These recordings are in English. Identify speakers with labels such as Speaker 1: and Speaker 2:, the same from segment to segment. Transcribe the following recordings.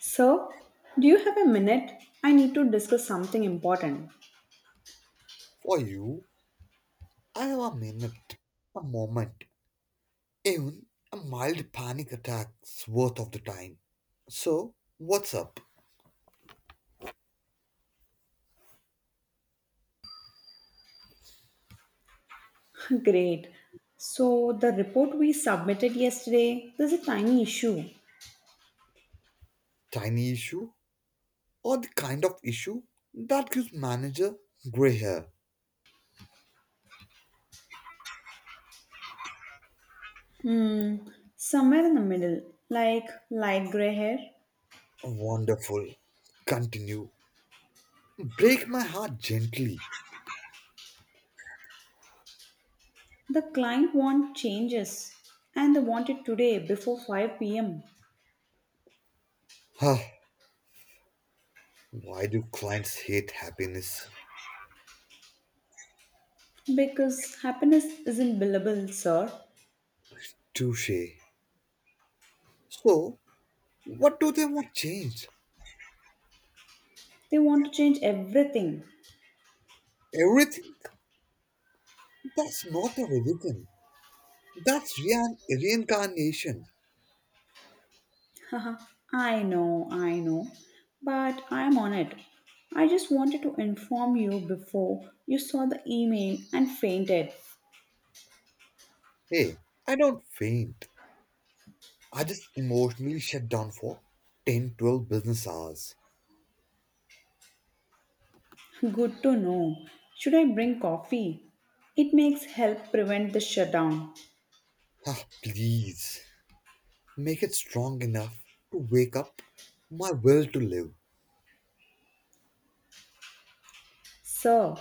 Speaker 1: So, do you have a minute? I need to discuss something important.
Speaker 2: For you, I have a minute, a moment, even a mild panic attack's worth of the time. So, what's up?
Speaker 1: Great. So, the report we submitted yesterday, there's a tiny issue.
Speaker 2: Tiny issue or the kind of issue that gives manager gray hair?
Speaker 1: Hmm, somewhere in the middle, like light gray hair.
Speaker 2: Wonderful. Continue. Break my heart gently.
Speaker 1: The client want changes and they want it today before 5 p.m.
Speaker 2: Huh. Why do clients hate happiness?
Speaker 1: because happiness isn't billable, sir.
Speaker 2: Touche. So, what do they want changed?
Speaker 1: They want to change everything.
Speaker 2: Everything? That's not a religion. That's reincarnation.
Speaker 1: Haha, I know, but I'm on it. I just wanted to inform you before you saw the email and fainted.
Speaker 2: Hey, I don't faint. I just emotionally shut down for 10, 12 business hours.
Speaker 1: Good to know. Should I bring coffee? It makes help prevent the shutdown.
Speaker 2: Ah, please, make it strong enough to wake up my will to live.
Speaker 1: Sir,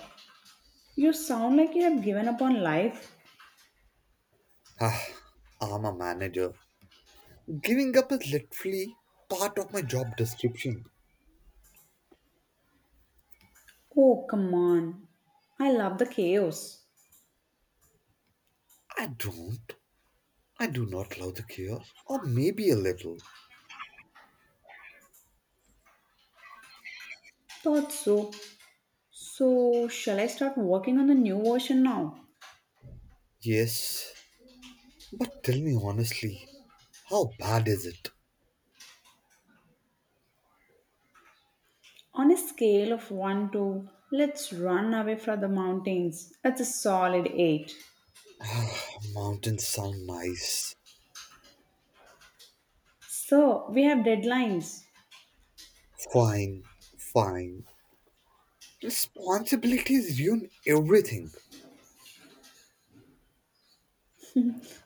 Speaker 1: you sound like you have given up on life.
Speaker 2: Ah, I'm a manager. Giving up is literally part of my job description.
Speaker 1: Oh, come on. I love the chaos.
Speaker 2: I don't. I do not love the cure. Or maybe a little.
Speaker 1: Thought so. So, shall I start working on the new version now?
Speaker 2: Yes. But tell me honestly, how bad is it?
Speaker 1: On a scale of 1 to let's run away from the mountains, that's a solid 8.
Speaker 2: Mountains sound nice.
Speaker 1: So, we have deadlines,
Speaker 2: Fine, fine. Responsibilities ruin everything.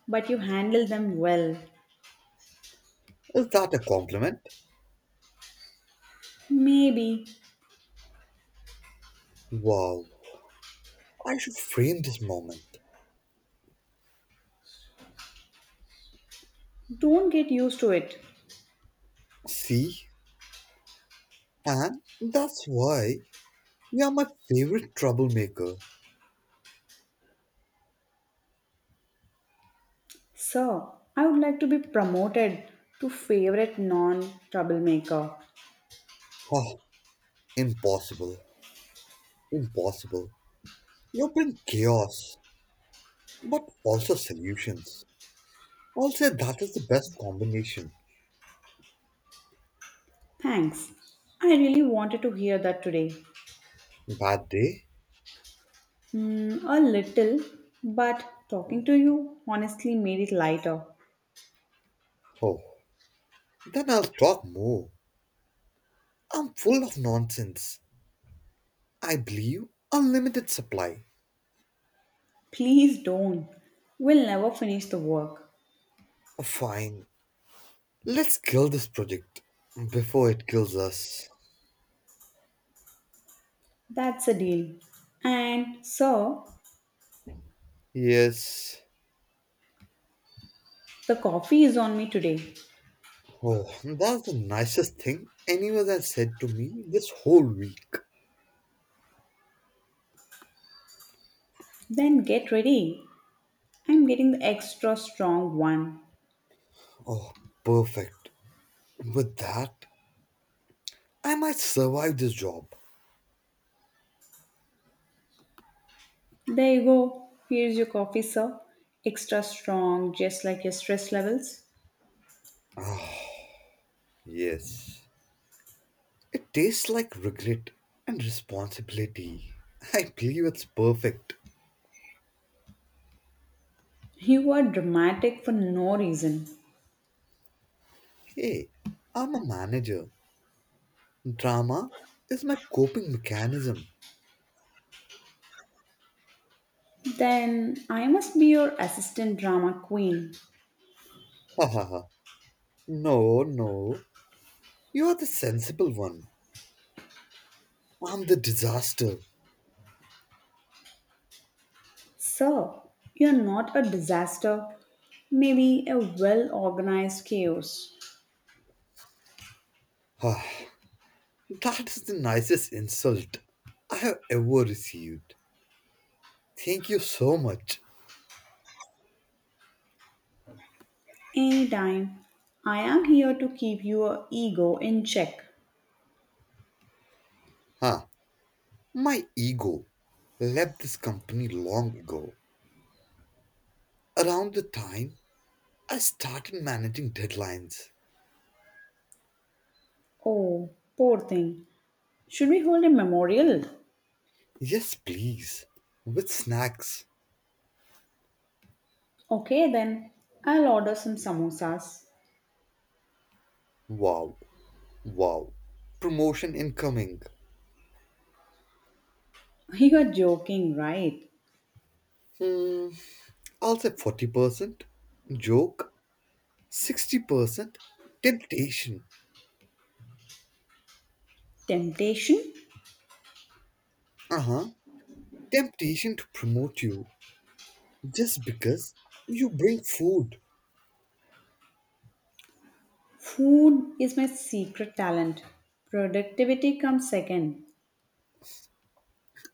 Speaker 1: but you handle them well.
Speaker 2: Is that a compliment?
Speaker 1: Maybe
Speaker 2: Wow, I should frame this moment.
Speaker 1: don't get used to it.
Speaker 2: See, and that's why you're my favorite troublemaker.
Speaker 1: Sir, I would like to be promoted to favorite non troublemaker.
Speaker 2: Oh, impossible, impossible. You bring chaos, but also solutions. I'll say that is the best combination.
Speaker 1: Thanks. I really wanted to hear that today.
Speaker 2: Bad day?
Speaker 1: Mm, a little, but talking to you honestly made it lighter.
Speaker 2: Oh, then I'll talk more. I'm full of nonsense. I believe unlimited supply.
Speaker 1: Please don't. We'll never finish the work.
Speaker 2: Fine, let's kill this project before it kills us.
Speaker 1: That's a deal. And so
Speaker 2: Yes.
Speaker 1: the coffee is on me today.
Speaker 2: Oh, that's the nicest thing anyone has said to me this whole week.
Speaker 1: Then get ready. I'm getting the extra strong one.
Speaker 2: Oh, perfect. With that, I might survive this job.
Speaker 1: There you go. Here's your coffee, sir. Extra strong, just like your stress levels.
Speaker 2: Ah, yes. It tastes like regret and responsibility. I believe it's perfect.
Speaker 1: You are dramatic for no reason.
Speaker 2: Hey, I'm a manager. Drama is my coping mechanism.
Speaker 1: Then I must be your assistant drama queen.
Speaker 2: Ha ha ha. No, no. You are the sensible one. I'm the disaster.
Speaker 1: Sir, you're not a disaster, maybe a well organized chaos.
Speaker 2: Ah, that is the nicest insult I have ever received. Thank you so much.
Speaker 1: Anytime. I am here to keep your ego in check.
Speaker 2: Ah, my ego left this company long ago, around the time I started managing deadlines.
Speaker 1: Oh, poor thing. Should we hold a memorial?
Speaker 2: Yes, please. With snacks.
Speaker 1: Okay, then. I'll order some samosas.
Speaker 2: Wow. Wow. Promotion incoming.
Speaker 1: You are joking, right?
Speaker 2: Hmm, I'll say 40%. Joke. 60%. Temptation.
Speaker 1: Temptation?
Speaker 2: Uh huh, temptation to promote you just because you bring food.
Speaker 1: Food is my secret talent. Productivity comes second.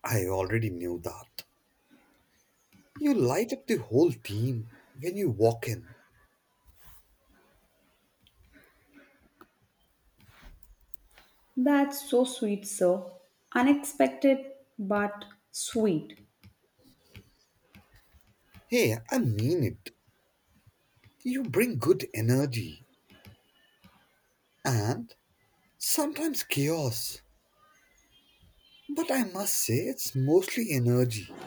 Speaker 2: I already knew that. You light up the whole team when you walk in.
Speaker 1: That's so sweet, sir. Unexpected, but sweet.
Speaker 2: Hey, I mean it. You bring good energy and sometimes chaos. But I must say, it's mostly energy.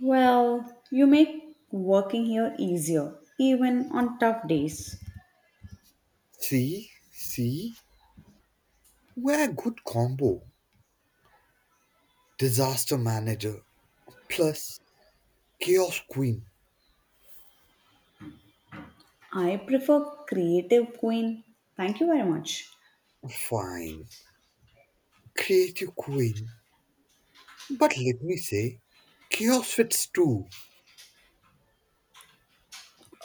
Speaker 1: Well, you make working here easier, even on tough days.
Speaker 2: See, see, we're a good combo. Disaster manager plus chaos queen.
Speaker 1: I prefer Creative Queen. Thank you very much.
Speaker 2: Fine, creative queen. But let me say, chaos fits too.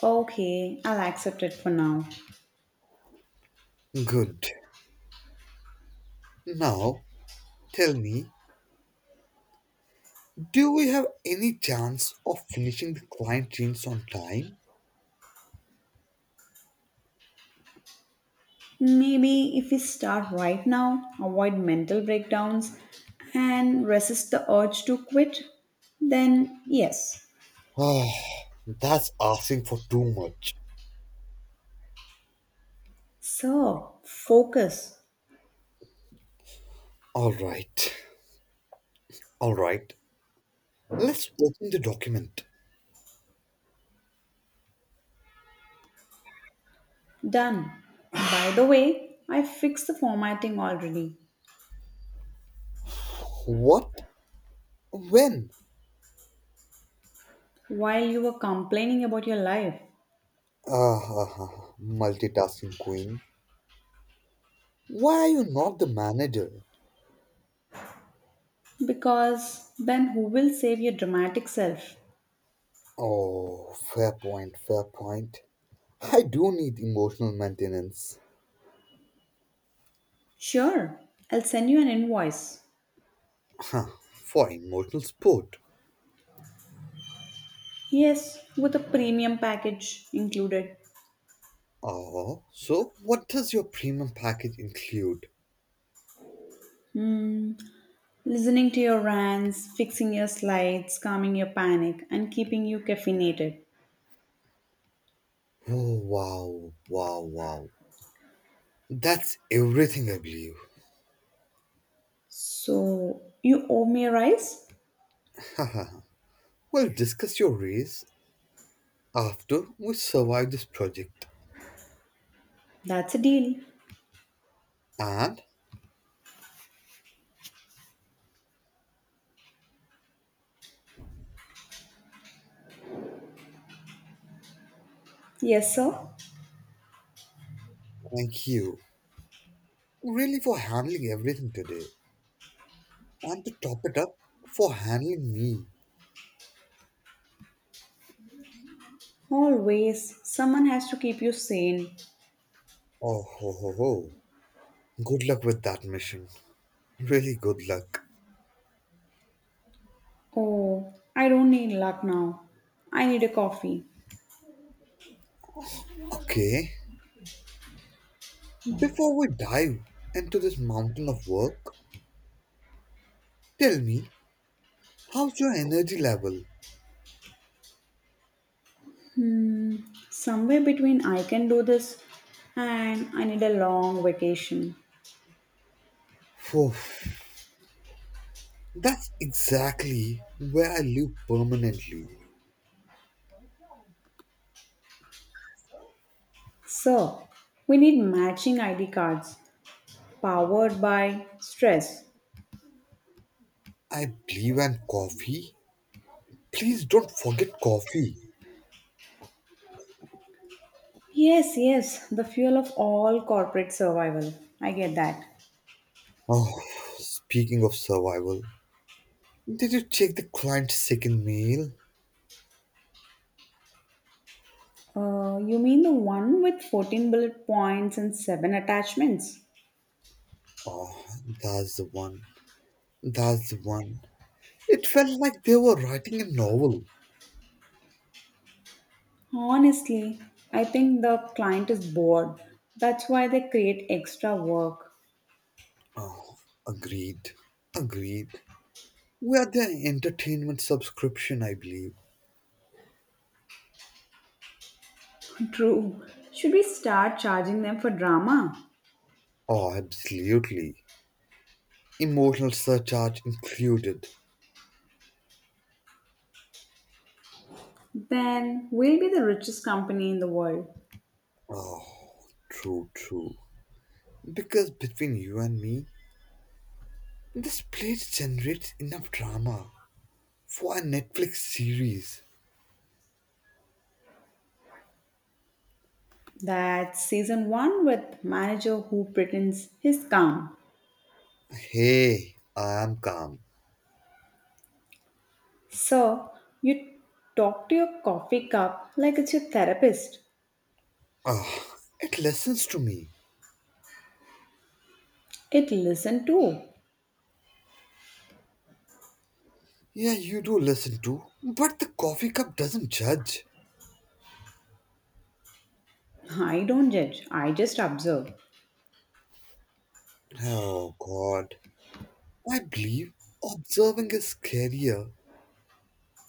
Speaker 1: Okay, I'll accept it for now.
Speaker 2: Good. Now, tell me, do we have any chance of finishing the client jeans on time?
Speaker 1: Maybe if we start right now, avoid mental breakdowns, and resist the urge to quit, then yes.
Speaker 2: Ah, that's asking for too much.
Speaker 1: So, focus.
Speaker 2: Alright, alright. Let's open the document.
Speaker 1: Done. By the way, I fixed the formatting already
Speaker 2: What? When?
Speaker 1: while you were complaining about your life.
Speaker 2: Ah, multitasking queen. Why are you not the manager?
Speaker 1: Because then who will save your dramatic self?
Speaker 2: Oh, fair point, fair point. I do need emotional maintenance.
Speaker 1: Sure, I'll send you an invoice.
Speaker 2: Huh, for emotional support.
Speaker 1: Yes, with a premium package included.
Speaker 2: Oh, so what does your premium package include?
Speaker 1: Listening to your rants, fixing your slides, calming your panic, and keeping you caffeinated.
Speaker 2: Oh, wow, wow, wow. That's everything, I believe.
Speaker 1: So, you owe me a rise?
Speaker 2: Haha, we'll discuss your raise after we survive this project.
Speaker 1: That's a deal.
Speaker 2: And
Speaker 1: Yes, sir.
Speaker 2: thank you, really, for handling everything today. And to top it up, for handling me.
Speaker 1: Always, someone has to keep you sane.
Speaker 2: Oh, ho, ho, ho. Good luck with that mission. Really good luck.
Speaker 1: Oh, I don't need luck now. I need a coffee.
Speaker 2: Okay, before we dive into this mountain of work, tell me, how's your energy level?
Speaker 1: Hmm, somewhere between I can do this and I need a long vacation.
Speaker 2: Phew, that's exactly where I live permanently.
Speaker 1: Sir, we need matching ID cards, powered by stress.
Speaker 2: I believe in coffee. Please don't forget coffee.
Speaker 1: Yes, yes, the fuel of all corporate survival. I get that.
Speaker 2: Oh, speaking of survival, did you check the client's second mail?
Speaker 1: You mean the one with 14 bullet points and 7 attachments?
Speaker 2: Oh, that's the one. That's the one. It felt like they were writing a novel.
Speaker 1: Honestly, I think the client is bored. That's why they create extra work.
Speaker 2: Oh, agreed. Agreed. We are the entertainment subscription, I believe.
Speaker 1: True. Should we start charging them for drama?
Speaker 2: Oh, absolutely. Emotional surcharge included.
Speaker 1: Then we'll be the richest company in the world.
Speaker 2: Oh, true, true. Because between you and me, this place generates enough drama for a Netflix series.
Speaker 1: That's season one with manager who pretends he's calm.
Speaker 2: Hey, I am calm.
Speaker 1: So, you talk to your coffee cup like it's your therapist.
Speaker 2: Ah, it listens to me.
Speaker 1: It listen too.
Speaker 2: Yeah, you do listen too. But the coffee cup doesn't judge.
Speaker 1: I don't judge, I just observe.
Speaker 2: Oh, God. I believe observing is scarier.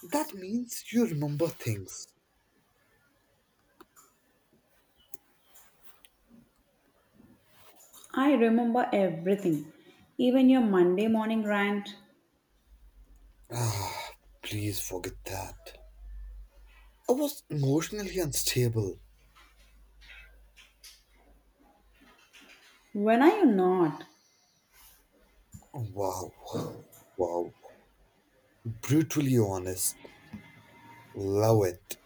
Speaker 2: That means you remember things.
Speaker 1: I remember everything, even your Monday morning rant.
Speaker 2: Ah, please forget that. I was emotionally unstable.
Speaker 1: When are you not?
Speaker 2: Wow. Wow. Brutally honest. Love it.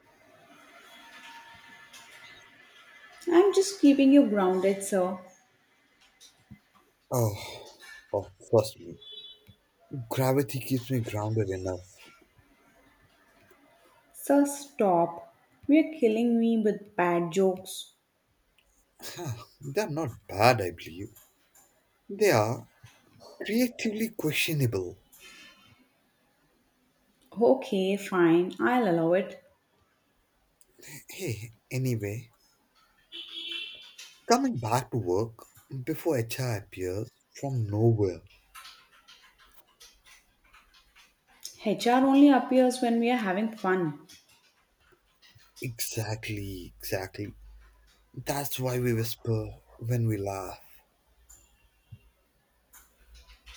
Speaker 1: I'm just keeping you grounded, sir.
Speaker 2: Oh, oh, trust me. Gravity keeps me grounded enough.
Speaker 1: Sir, stop. We're killing me with bad jokes.
Speaker 2: Huh, they're not bad, I believe. They are creatively questionable.
Speaker 1: Okay, fine, I'll allow it.
Speaker 2: Hey, anyway, coming back to work before HR appears from nowhere.
Speaker 1: HR only appears when we are having fun.
Speaker 2: Exactly, exactly. That's why we whisper when we laugh.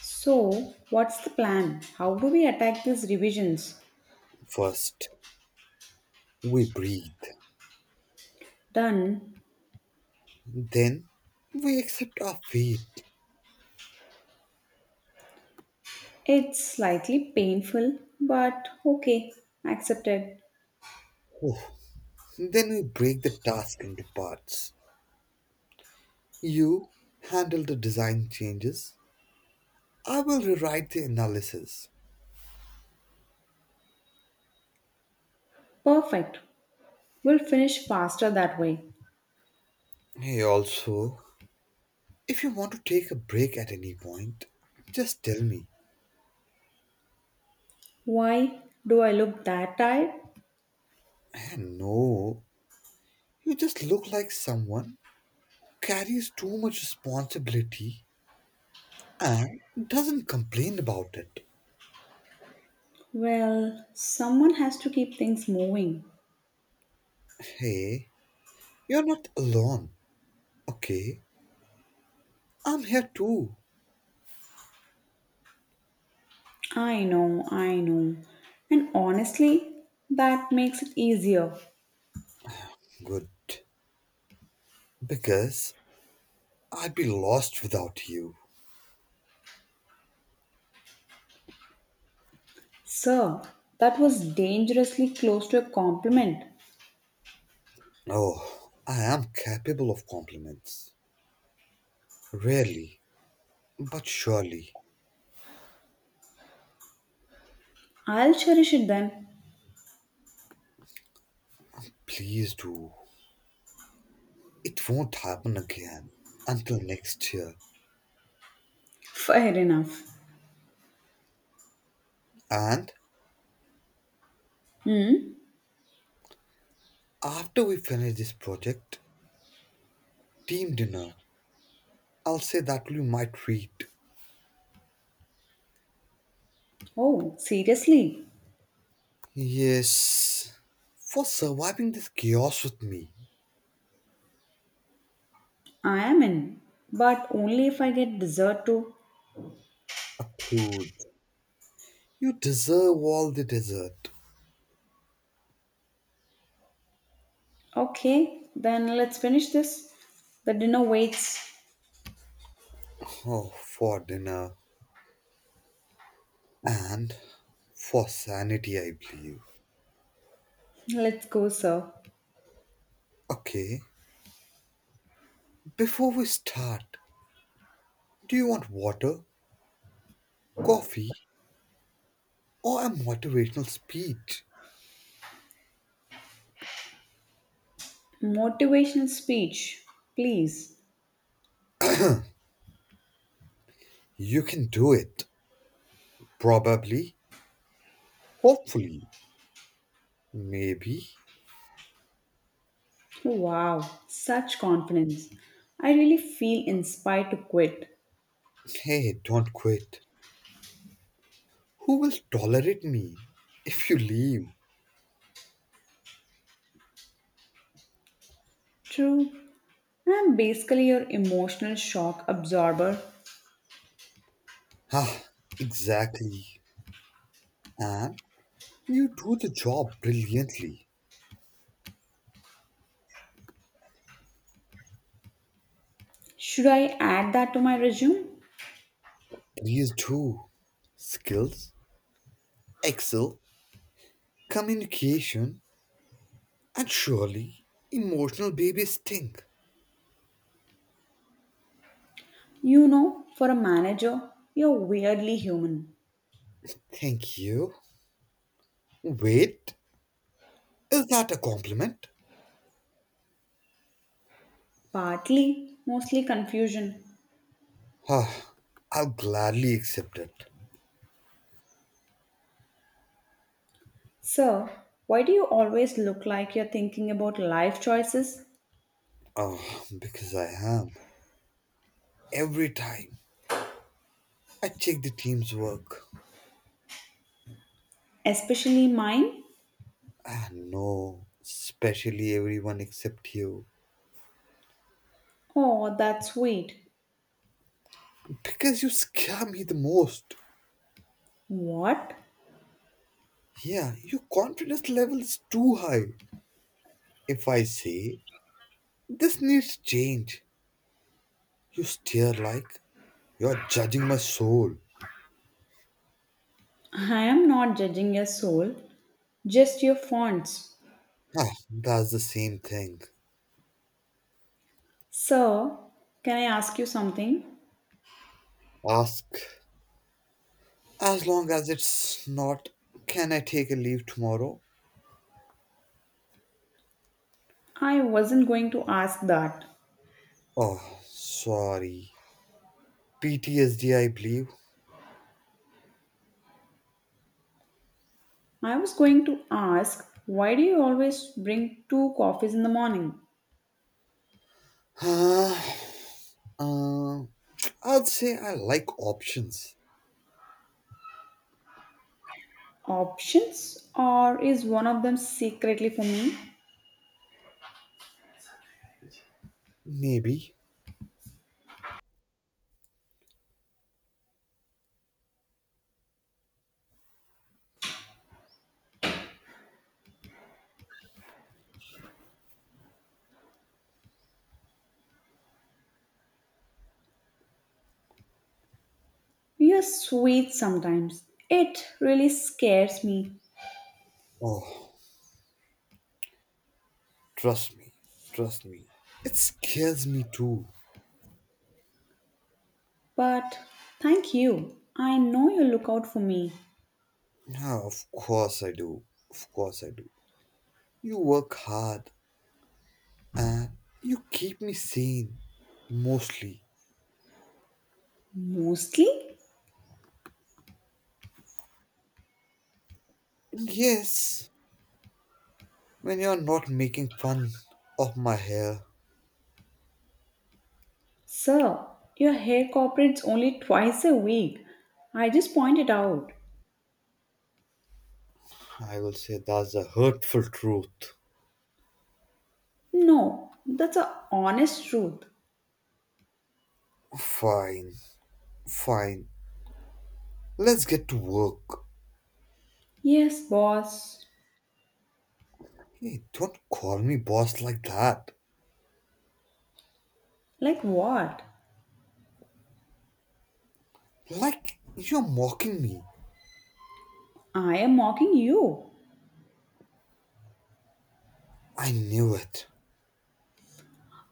Speaker 1: So, what's the plan? How do we attack these revisions?
Speaker 2: First, we breathe.
Speaker 1: Done.
Speaker 2: Then, we accept our fate.
Speaker 1: It's slightly painful, but okay, accepted.
Speaker 2: Oh. Then, we break the task into parts. You handle the design changes. I will rewrite the analysis.
Speaker 1: Perfect. We'll finish faster that way.
Speaker 2: Hey, also, if you want to take a break at any point, just tell me.
Speaker 1: Why do I look that tired?
Speaker 2: And no, you just look like someone who carries too much responsibility and doesn't complain about it.
Speaker 1: Well, someone has to keep things moving.
Speaker 2: Hey, you're not alone, okay? I'm here too.
Speaker 1: I know, I know. And honestly, that makes it easier.
Speaker 2: Good. Because I'd be lost without you.
Speaker 1: Sir, that was dangerously close to a compliment.
Speaker 2: Oh, I am capable of compliments. Rarely, but surely.
Speaker 1: I'll cherish it then.
Speaker 2: Please do. It won't happen again until next year.
Speaker 1: Fair enough.
Speaker 2: And
Speaker 1: Hmm?
Speaker 2: after we finish this project, team dinner, I'll say that will be my treat.
Speaker 1: Oh, seriously?
Speaker 2: Yes, for surviving this chaos with me.
Speaker 1: I am in, but only if I get dessert too.
Speaker 2: Approved. You deserve all the dessert.
Speaker 1: Okay, then let's finish this. The dinner waits.
Speaker 2: Oh, for dinner. And for sanity, I believe.
Speaker 1: Let's go, sir.
Speaker 2: Okay, before we start, do you want water, coffee, or a motivational speech?
Speaker 1: Motivational speech, please.
Speaker 2: You can do it. Probably, hopefully, maybe.
Speaker 1: Wow, such confidence. I really feel inspired to quit.
Speaker 2: Hey, don't quit. Who will tolerate me if you leave?
Speaker 1: True, I am basically your emotional shock absorber.
Speaker 2: Ah, exactly. And you do the job brilliantly.
Speaker 1: Should I add that to my resume?
Speaker 2: These two skills, excel communication and surely emotional baby stink.
Speaker 1: You know, for a manager, you're weirdly human.
Speaker 2: Thank you. Wait, is that a compliment?
Speaker 1: Partly, mostly confusion.
Speaker 2: Ah, I'll gladly accept it.
Speaker 1: Sir, why do you always look like you're thinking about life choices,
Speaker 2: Ah, because I am. Every time I check the team's work.
Speaker 1: especially mine?
Speaker 2: Ah, no, especially everyone except you.
Speaker 1: Oh, that's sweet.
Speaker 2: Because you scare me the most.
Speaker 1: What?
Speaker 2: Yeah, your confidence level is too high. If I say this needs change. You stare like you're judging my soul.
Speaker 1: I am not judging your soul, just your fonts.
Speaker 2: Ah, that's the same thing.
Speaker 1: Sir, can I ask you something?
Speaker 2: Ask, as long as it's not, can I take a leave tomorrow?
Speaker 1: I wasn't going to ask that.
Speaker 2: Oh, sorry. PTSD, I believe.
Speaker 1: I was going to ask why do you always bring two coffees in the morning?
Speaker 2: Ah, Uh, I'd say I like options.
Speaker 1: Options, or is one of them secretly for me?
Speaker 2: Maybe.
Speaker 1: You're sweet sometimes. It really scares me.
Speaker 2: Oh, trust me. Trust me. It scares me too.
Speaker 1: But thank you. I know you look out for me.
Speaker 2: Ah, of course I do. Of course I do. You work hard and you keep me sane, mostly.
Speaker 1: Mostly?
Speaker 2: Yes, when you're not making fun of my hair.
Speaker 1: Sir, your hair cooperates only twice a week. I just pointed out.
Speaker 2: I will say that's a hurtful truth.
Speaker 1: No, that's a honest truth.
Speaker 2: Fine, fine. Let's get to work.
Speaker 1: Yes, boss.
Speaker 2: Hey, don't call me boss like that.
Speaker 1: Like what?
Speaker 2: Like you're mocking me.
Speaker 1: I am mocking you.
Speaker 2: I knew it.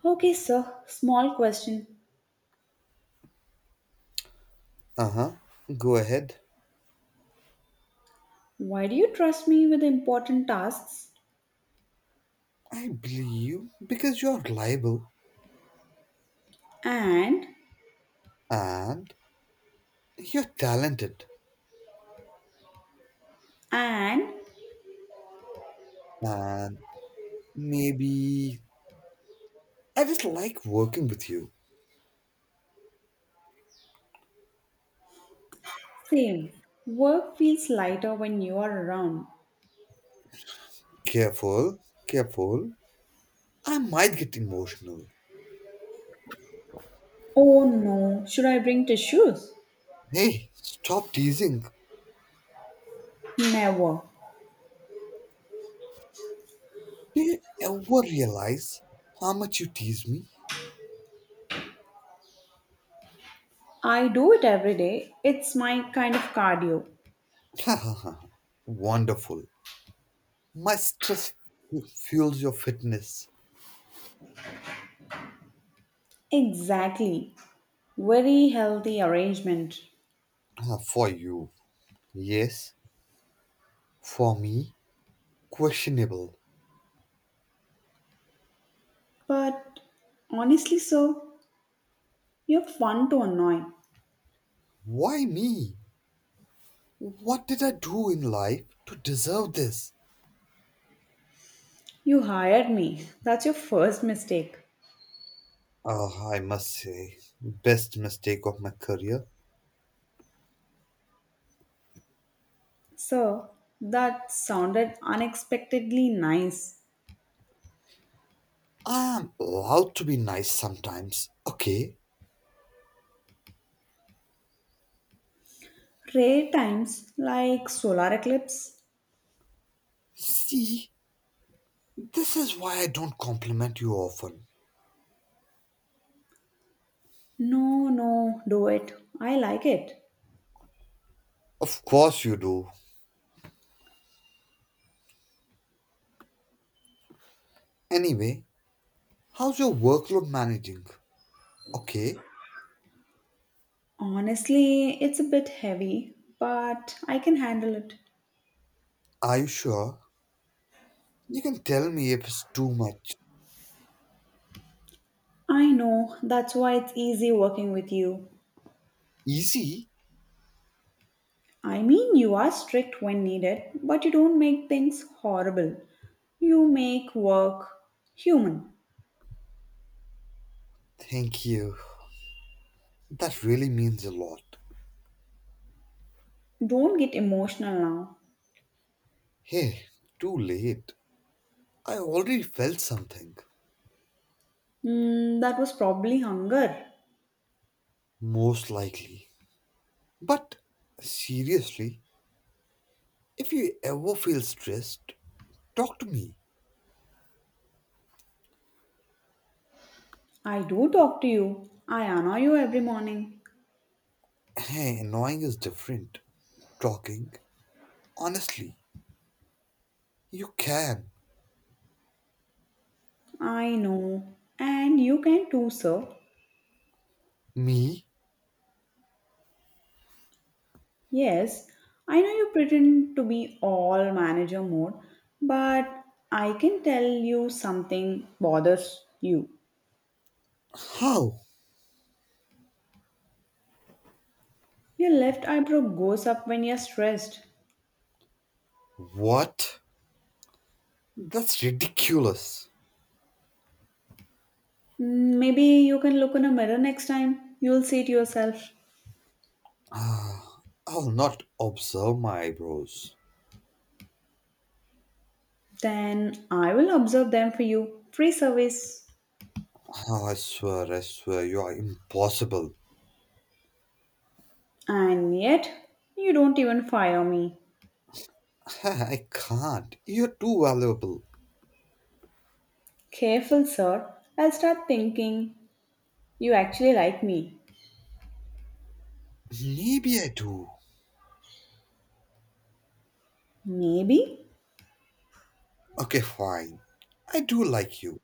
Speaker 1: Okay, sir. Small question.
Speaker 2: Uh huh. Go ahead.
Speaker 1: Why do you trust me with important tasks?
Speaker 2: I believe you because you're reliable
Speaker 1: And
Speaker 2: and you're talented
Speaker 1: and
Speaker 2: and maybe I just like working with you.
Speaker 1: same. Work feels lighter when you are around.
Speaker 2: Careful, careful. I might get emotional.
Speaker 1: Oh no, should I bring tissues?
Speaker 2: Hey, stop teasing.
Speaker 1: Never.
Speaker 2: Do you ever realize how much you tease me?
Speaker 1: I do it every day. It's my kind of cardio.
Speaker 2: Ha ha ha. Wonderful. My stress fuels your fitness.
Speaker 1: Exactly. Very healthy arrangement.
Speaker 2: Ah, for you. Yes. For me, questionable.
Speaker 1: But honestly, sir, you're fun to annoy.
Speaker 2: Why me? What did I do in life to deserve this?
Speaker 1: You hired me. That's your first mistake.
Speaker 2: Ah, I must say, best mistake of my career.
Speaker 1: Sir, that sounded unexpectedly nice.
Speaker 2: I am allowed to be nice sometimes, okay?
Speaker 1: Rare times, like solar eclipse.
Speaker 2: See, this is why I don't compliment you often.
Speaker 1: No, no, do it. I like it.
Speaker 2: Of course you do. Anyway, how's your workload managing? Okay,
Speaker 1: Honestly, it's a bit heavy, but I can handle it.
Speaker 2: are you sure? You can tell me if it's too much.
Speaker 1: I know, that's why it's easy working with you.
Speaker 2: Easy?
Speaker 1: I mean, you are strict when needed, but you don't make things horrible. You make work human.
Speaker 2: Thank you. That really means a lot.
Speaker 1: Don't get emotional now.
Speaker 2: Hey, too late. I already felt something.
Speaker 1: Mm, that was probably hunger.
Speaker 2: Most likely. But seriously, if you ever feel stressed, talk to me.
Speaker 1: I do talk to you. I annoy you every morning.
Speaker 2: Hey, annoying is different. Talking. Honestly, you can.
Speaker 1: I know. And you can too, sir.
Speaker 2: Me?
Speaker 1: Yes, I know you pretend to be all manager mode, but I can tell you something bothers you.
Speaker 2: How?
Speaker 1: Your left eyebrow goes up when you're stressed.
Speaker 2: What? That's ridiculous.
Speaker 1: Mm, maybe you can look in a mirror next time. You'll see it yourself.
Speaker 2: Ah, I will not observe my eyebrows.
Speaker 1: Then I will observe them for you. Free service.
Speaker 2: Ah, I swear, you are impossible.
Speaker 1: And yet, you don't even fire me.
Speaker 2: Ah, I can't. You're too valuable.
Speaker 1: Careful, sir. I'll start thinking you actually like me.
Speaker 2: Maybe I do.
Speaker 1: Maybe.
Speaker 2: Okay, fine. I do like you.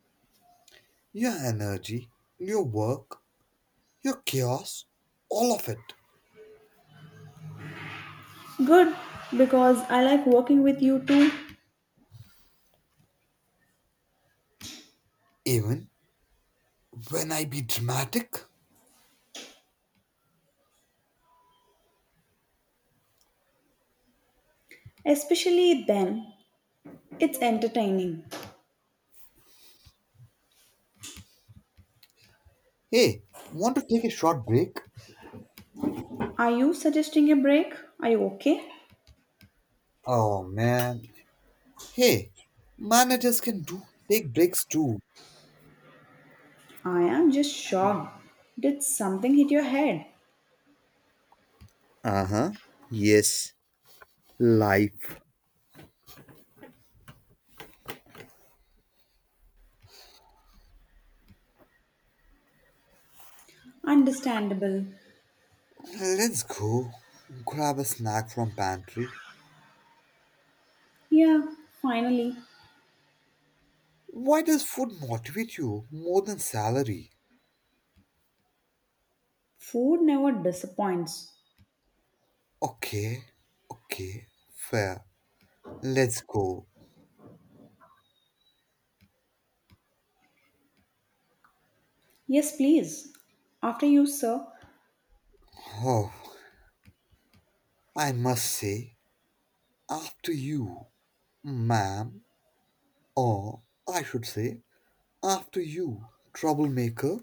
Speaker 2: Your energy, your work, your chaos, all of it.
Speaker 1: Good, because I like working with you too,
Speaker 2: Even when I be dramatic?
Speaker 1: especially then. It's entertaining.
Speaker 2: Hey, want to take a short break?
Speaker 1: Are you suggesting a break? Are you okay?
Speaker 2: Oh man. Hey, managers can do take breaks too.
Speaker 1: I am just shocked. Did something hit your head?
Speaker 2: Uh huh. Yes. Life.
Speaker 1: Understandable.
Speaker 2: Let's go. Grab a snack from pantry.
Speaker 1: Yeah, finally.
Speaker 2: Why does food motivate you more than salary?
Speaker 1: Food never disappoints.
Speaker 2: Okay. Okay. Fair. Let's go.
Speaker 1: Yes, please. After you, sir.
Speaker 2: Oh, I must say, after you, ma'am, or I should say, after you, troublemaker.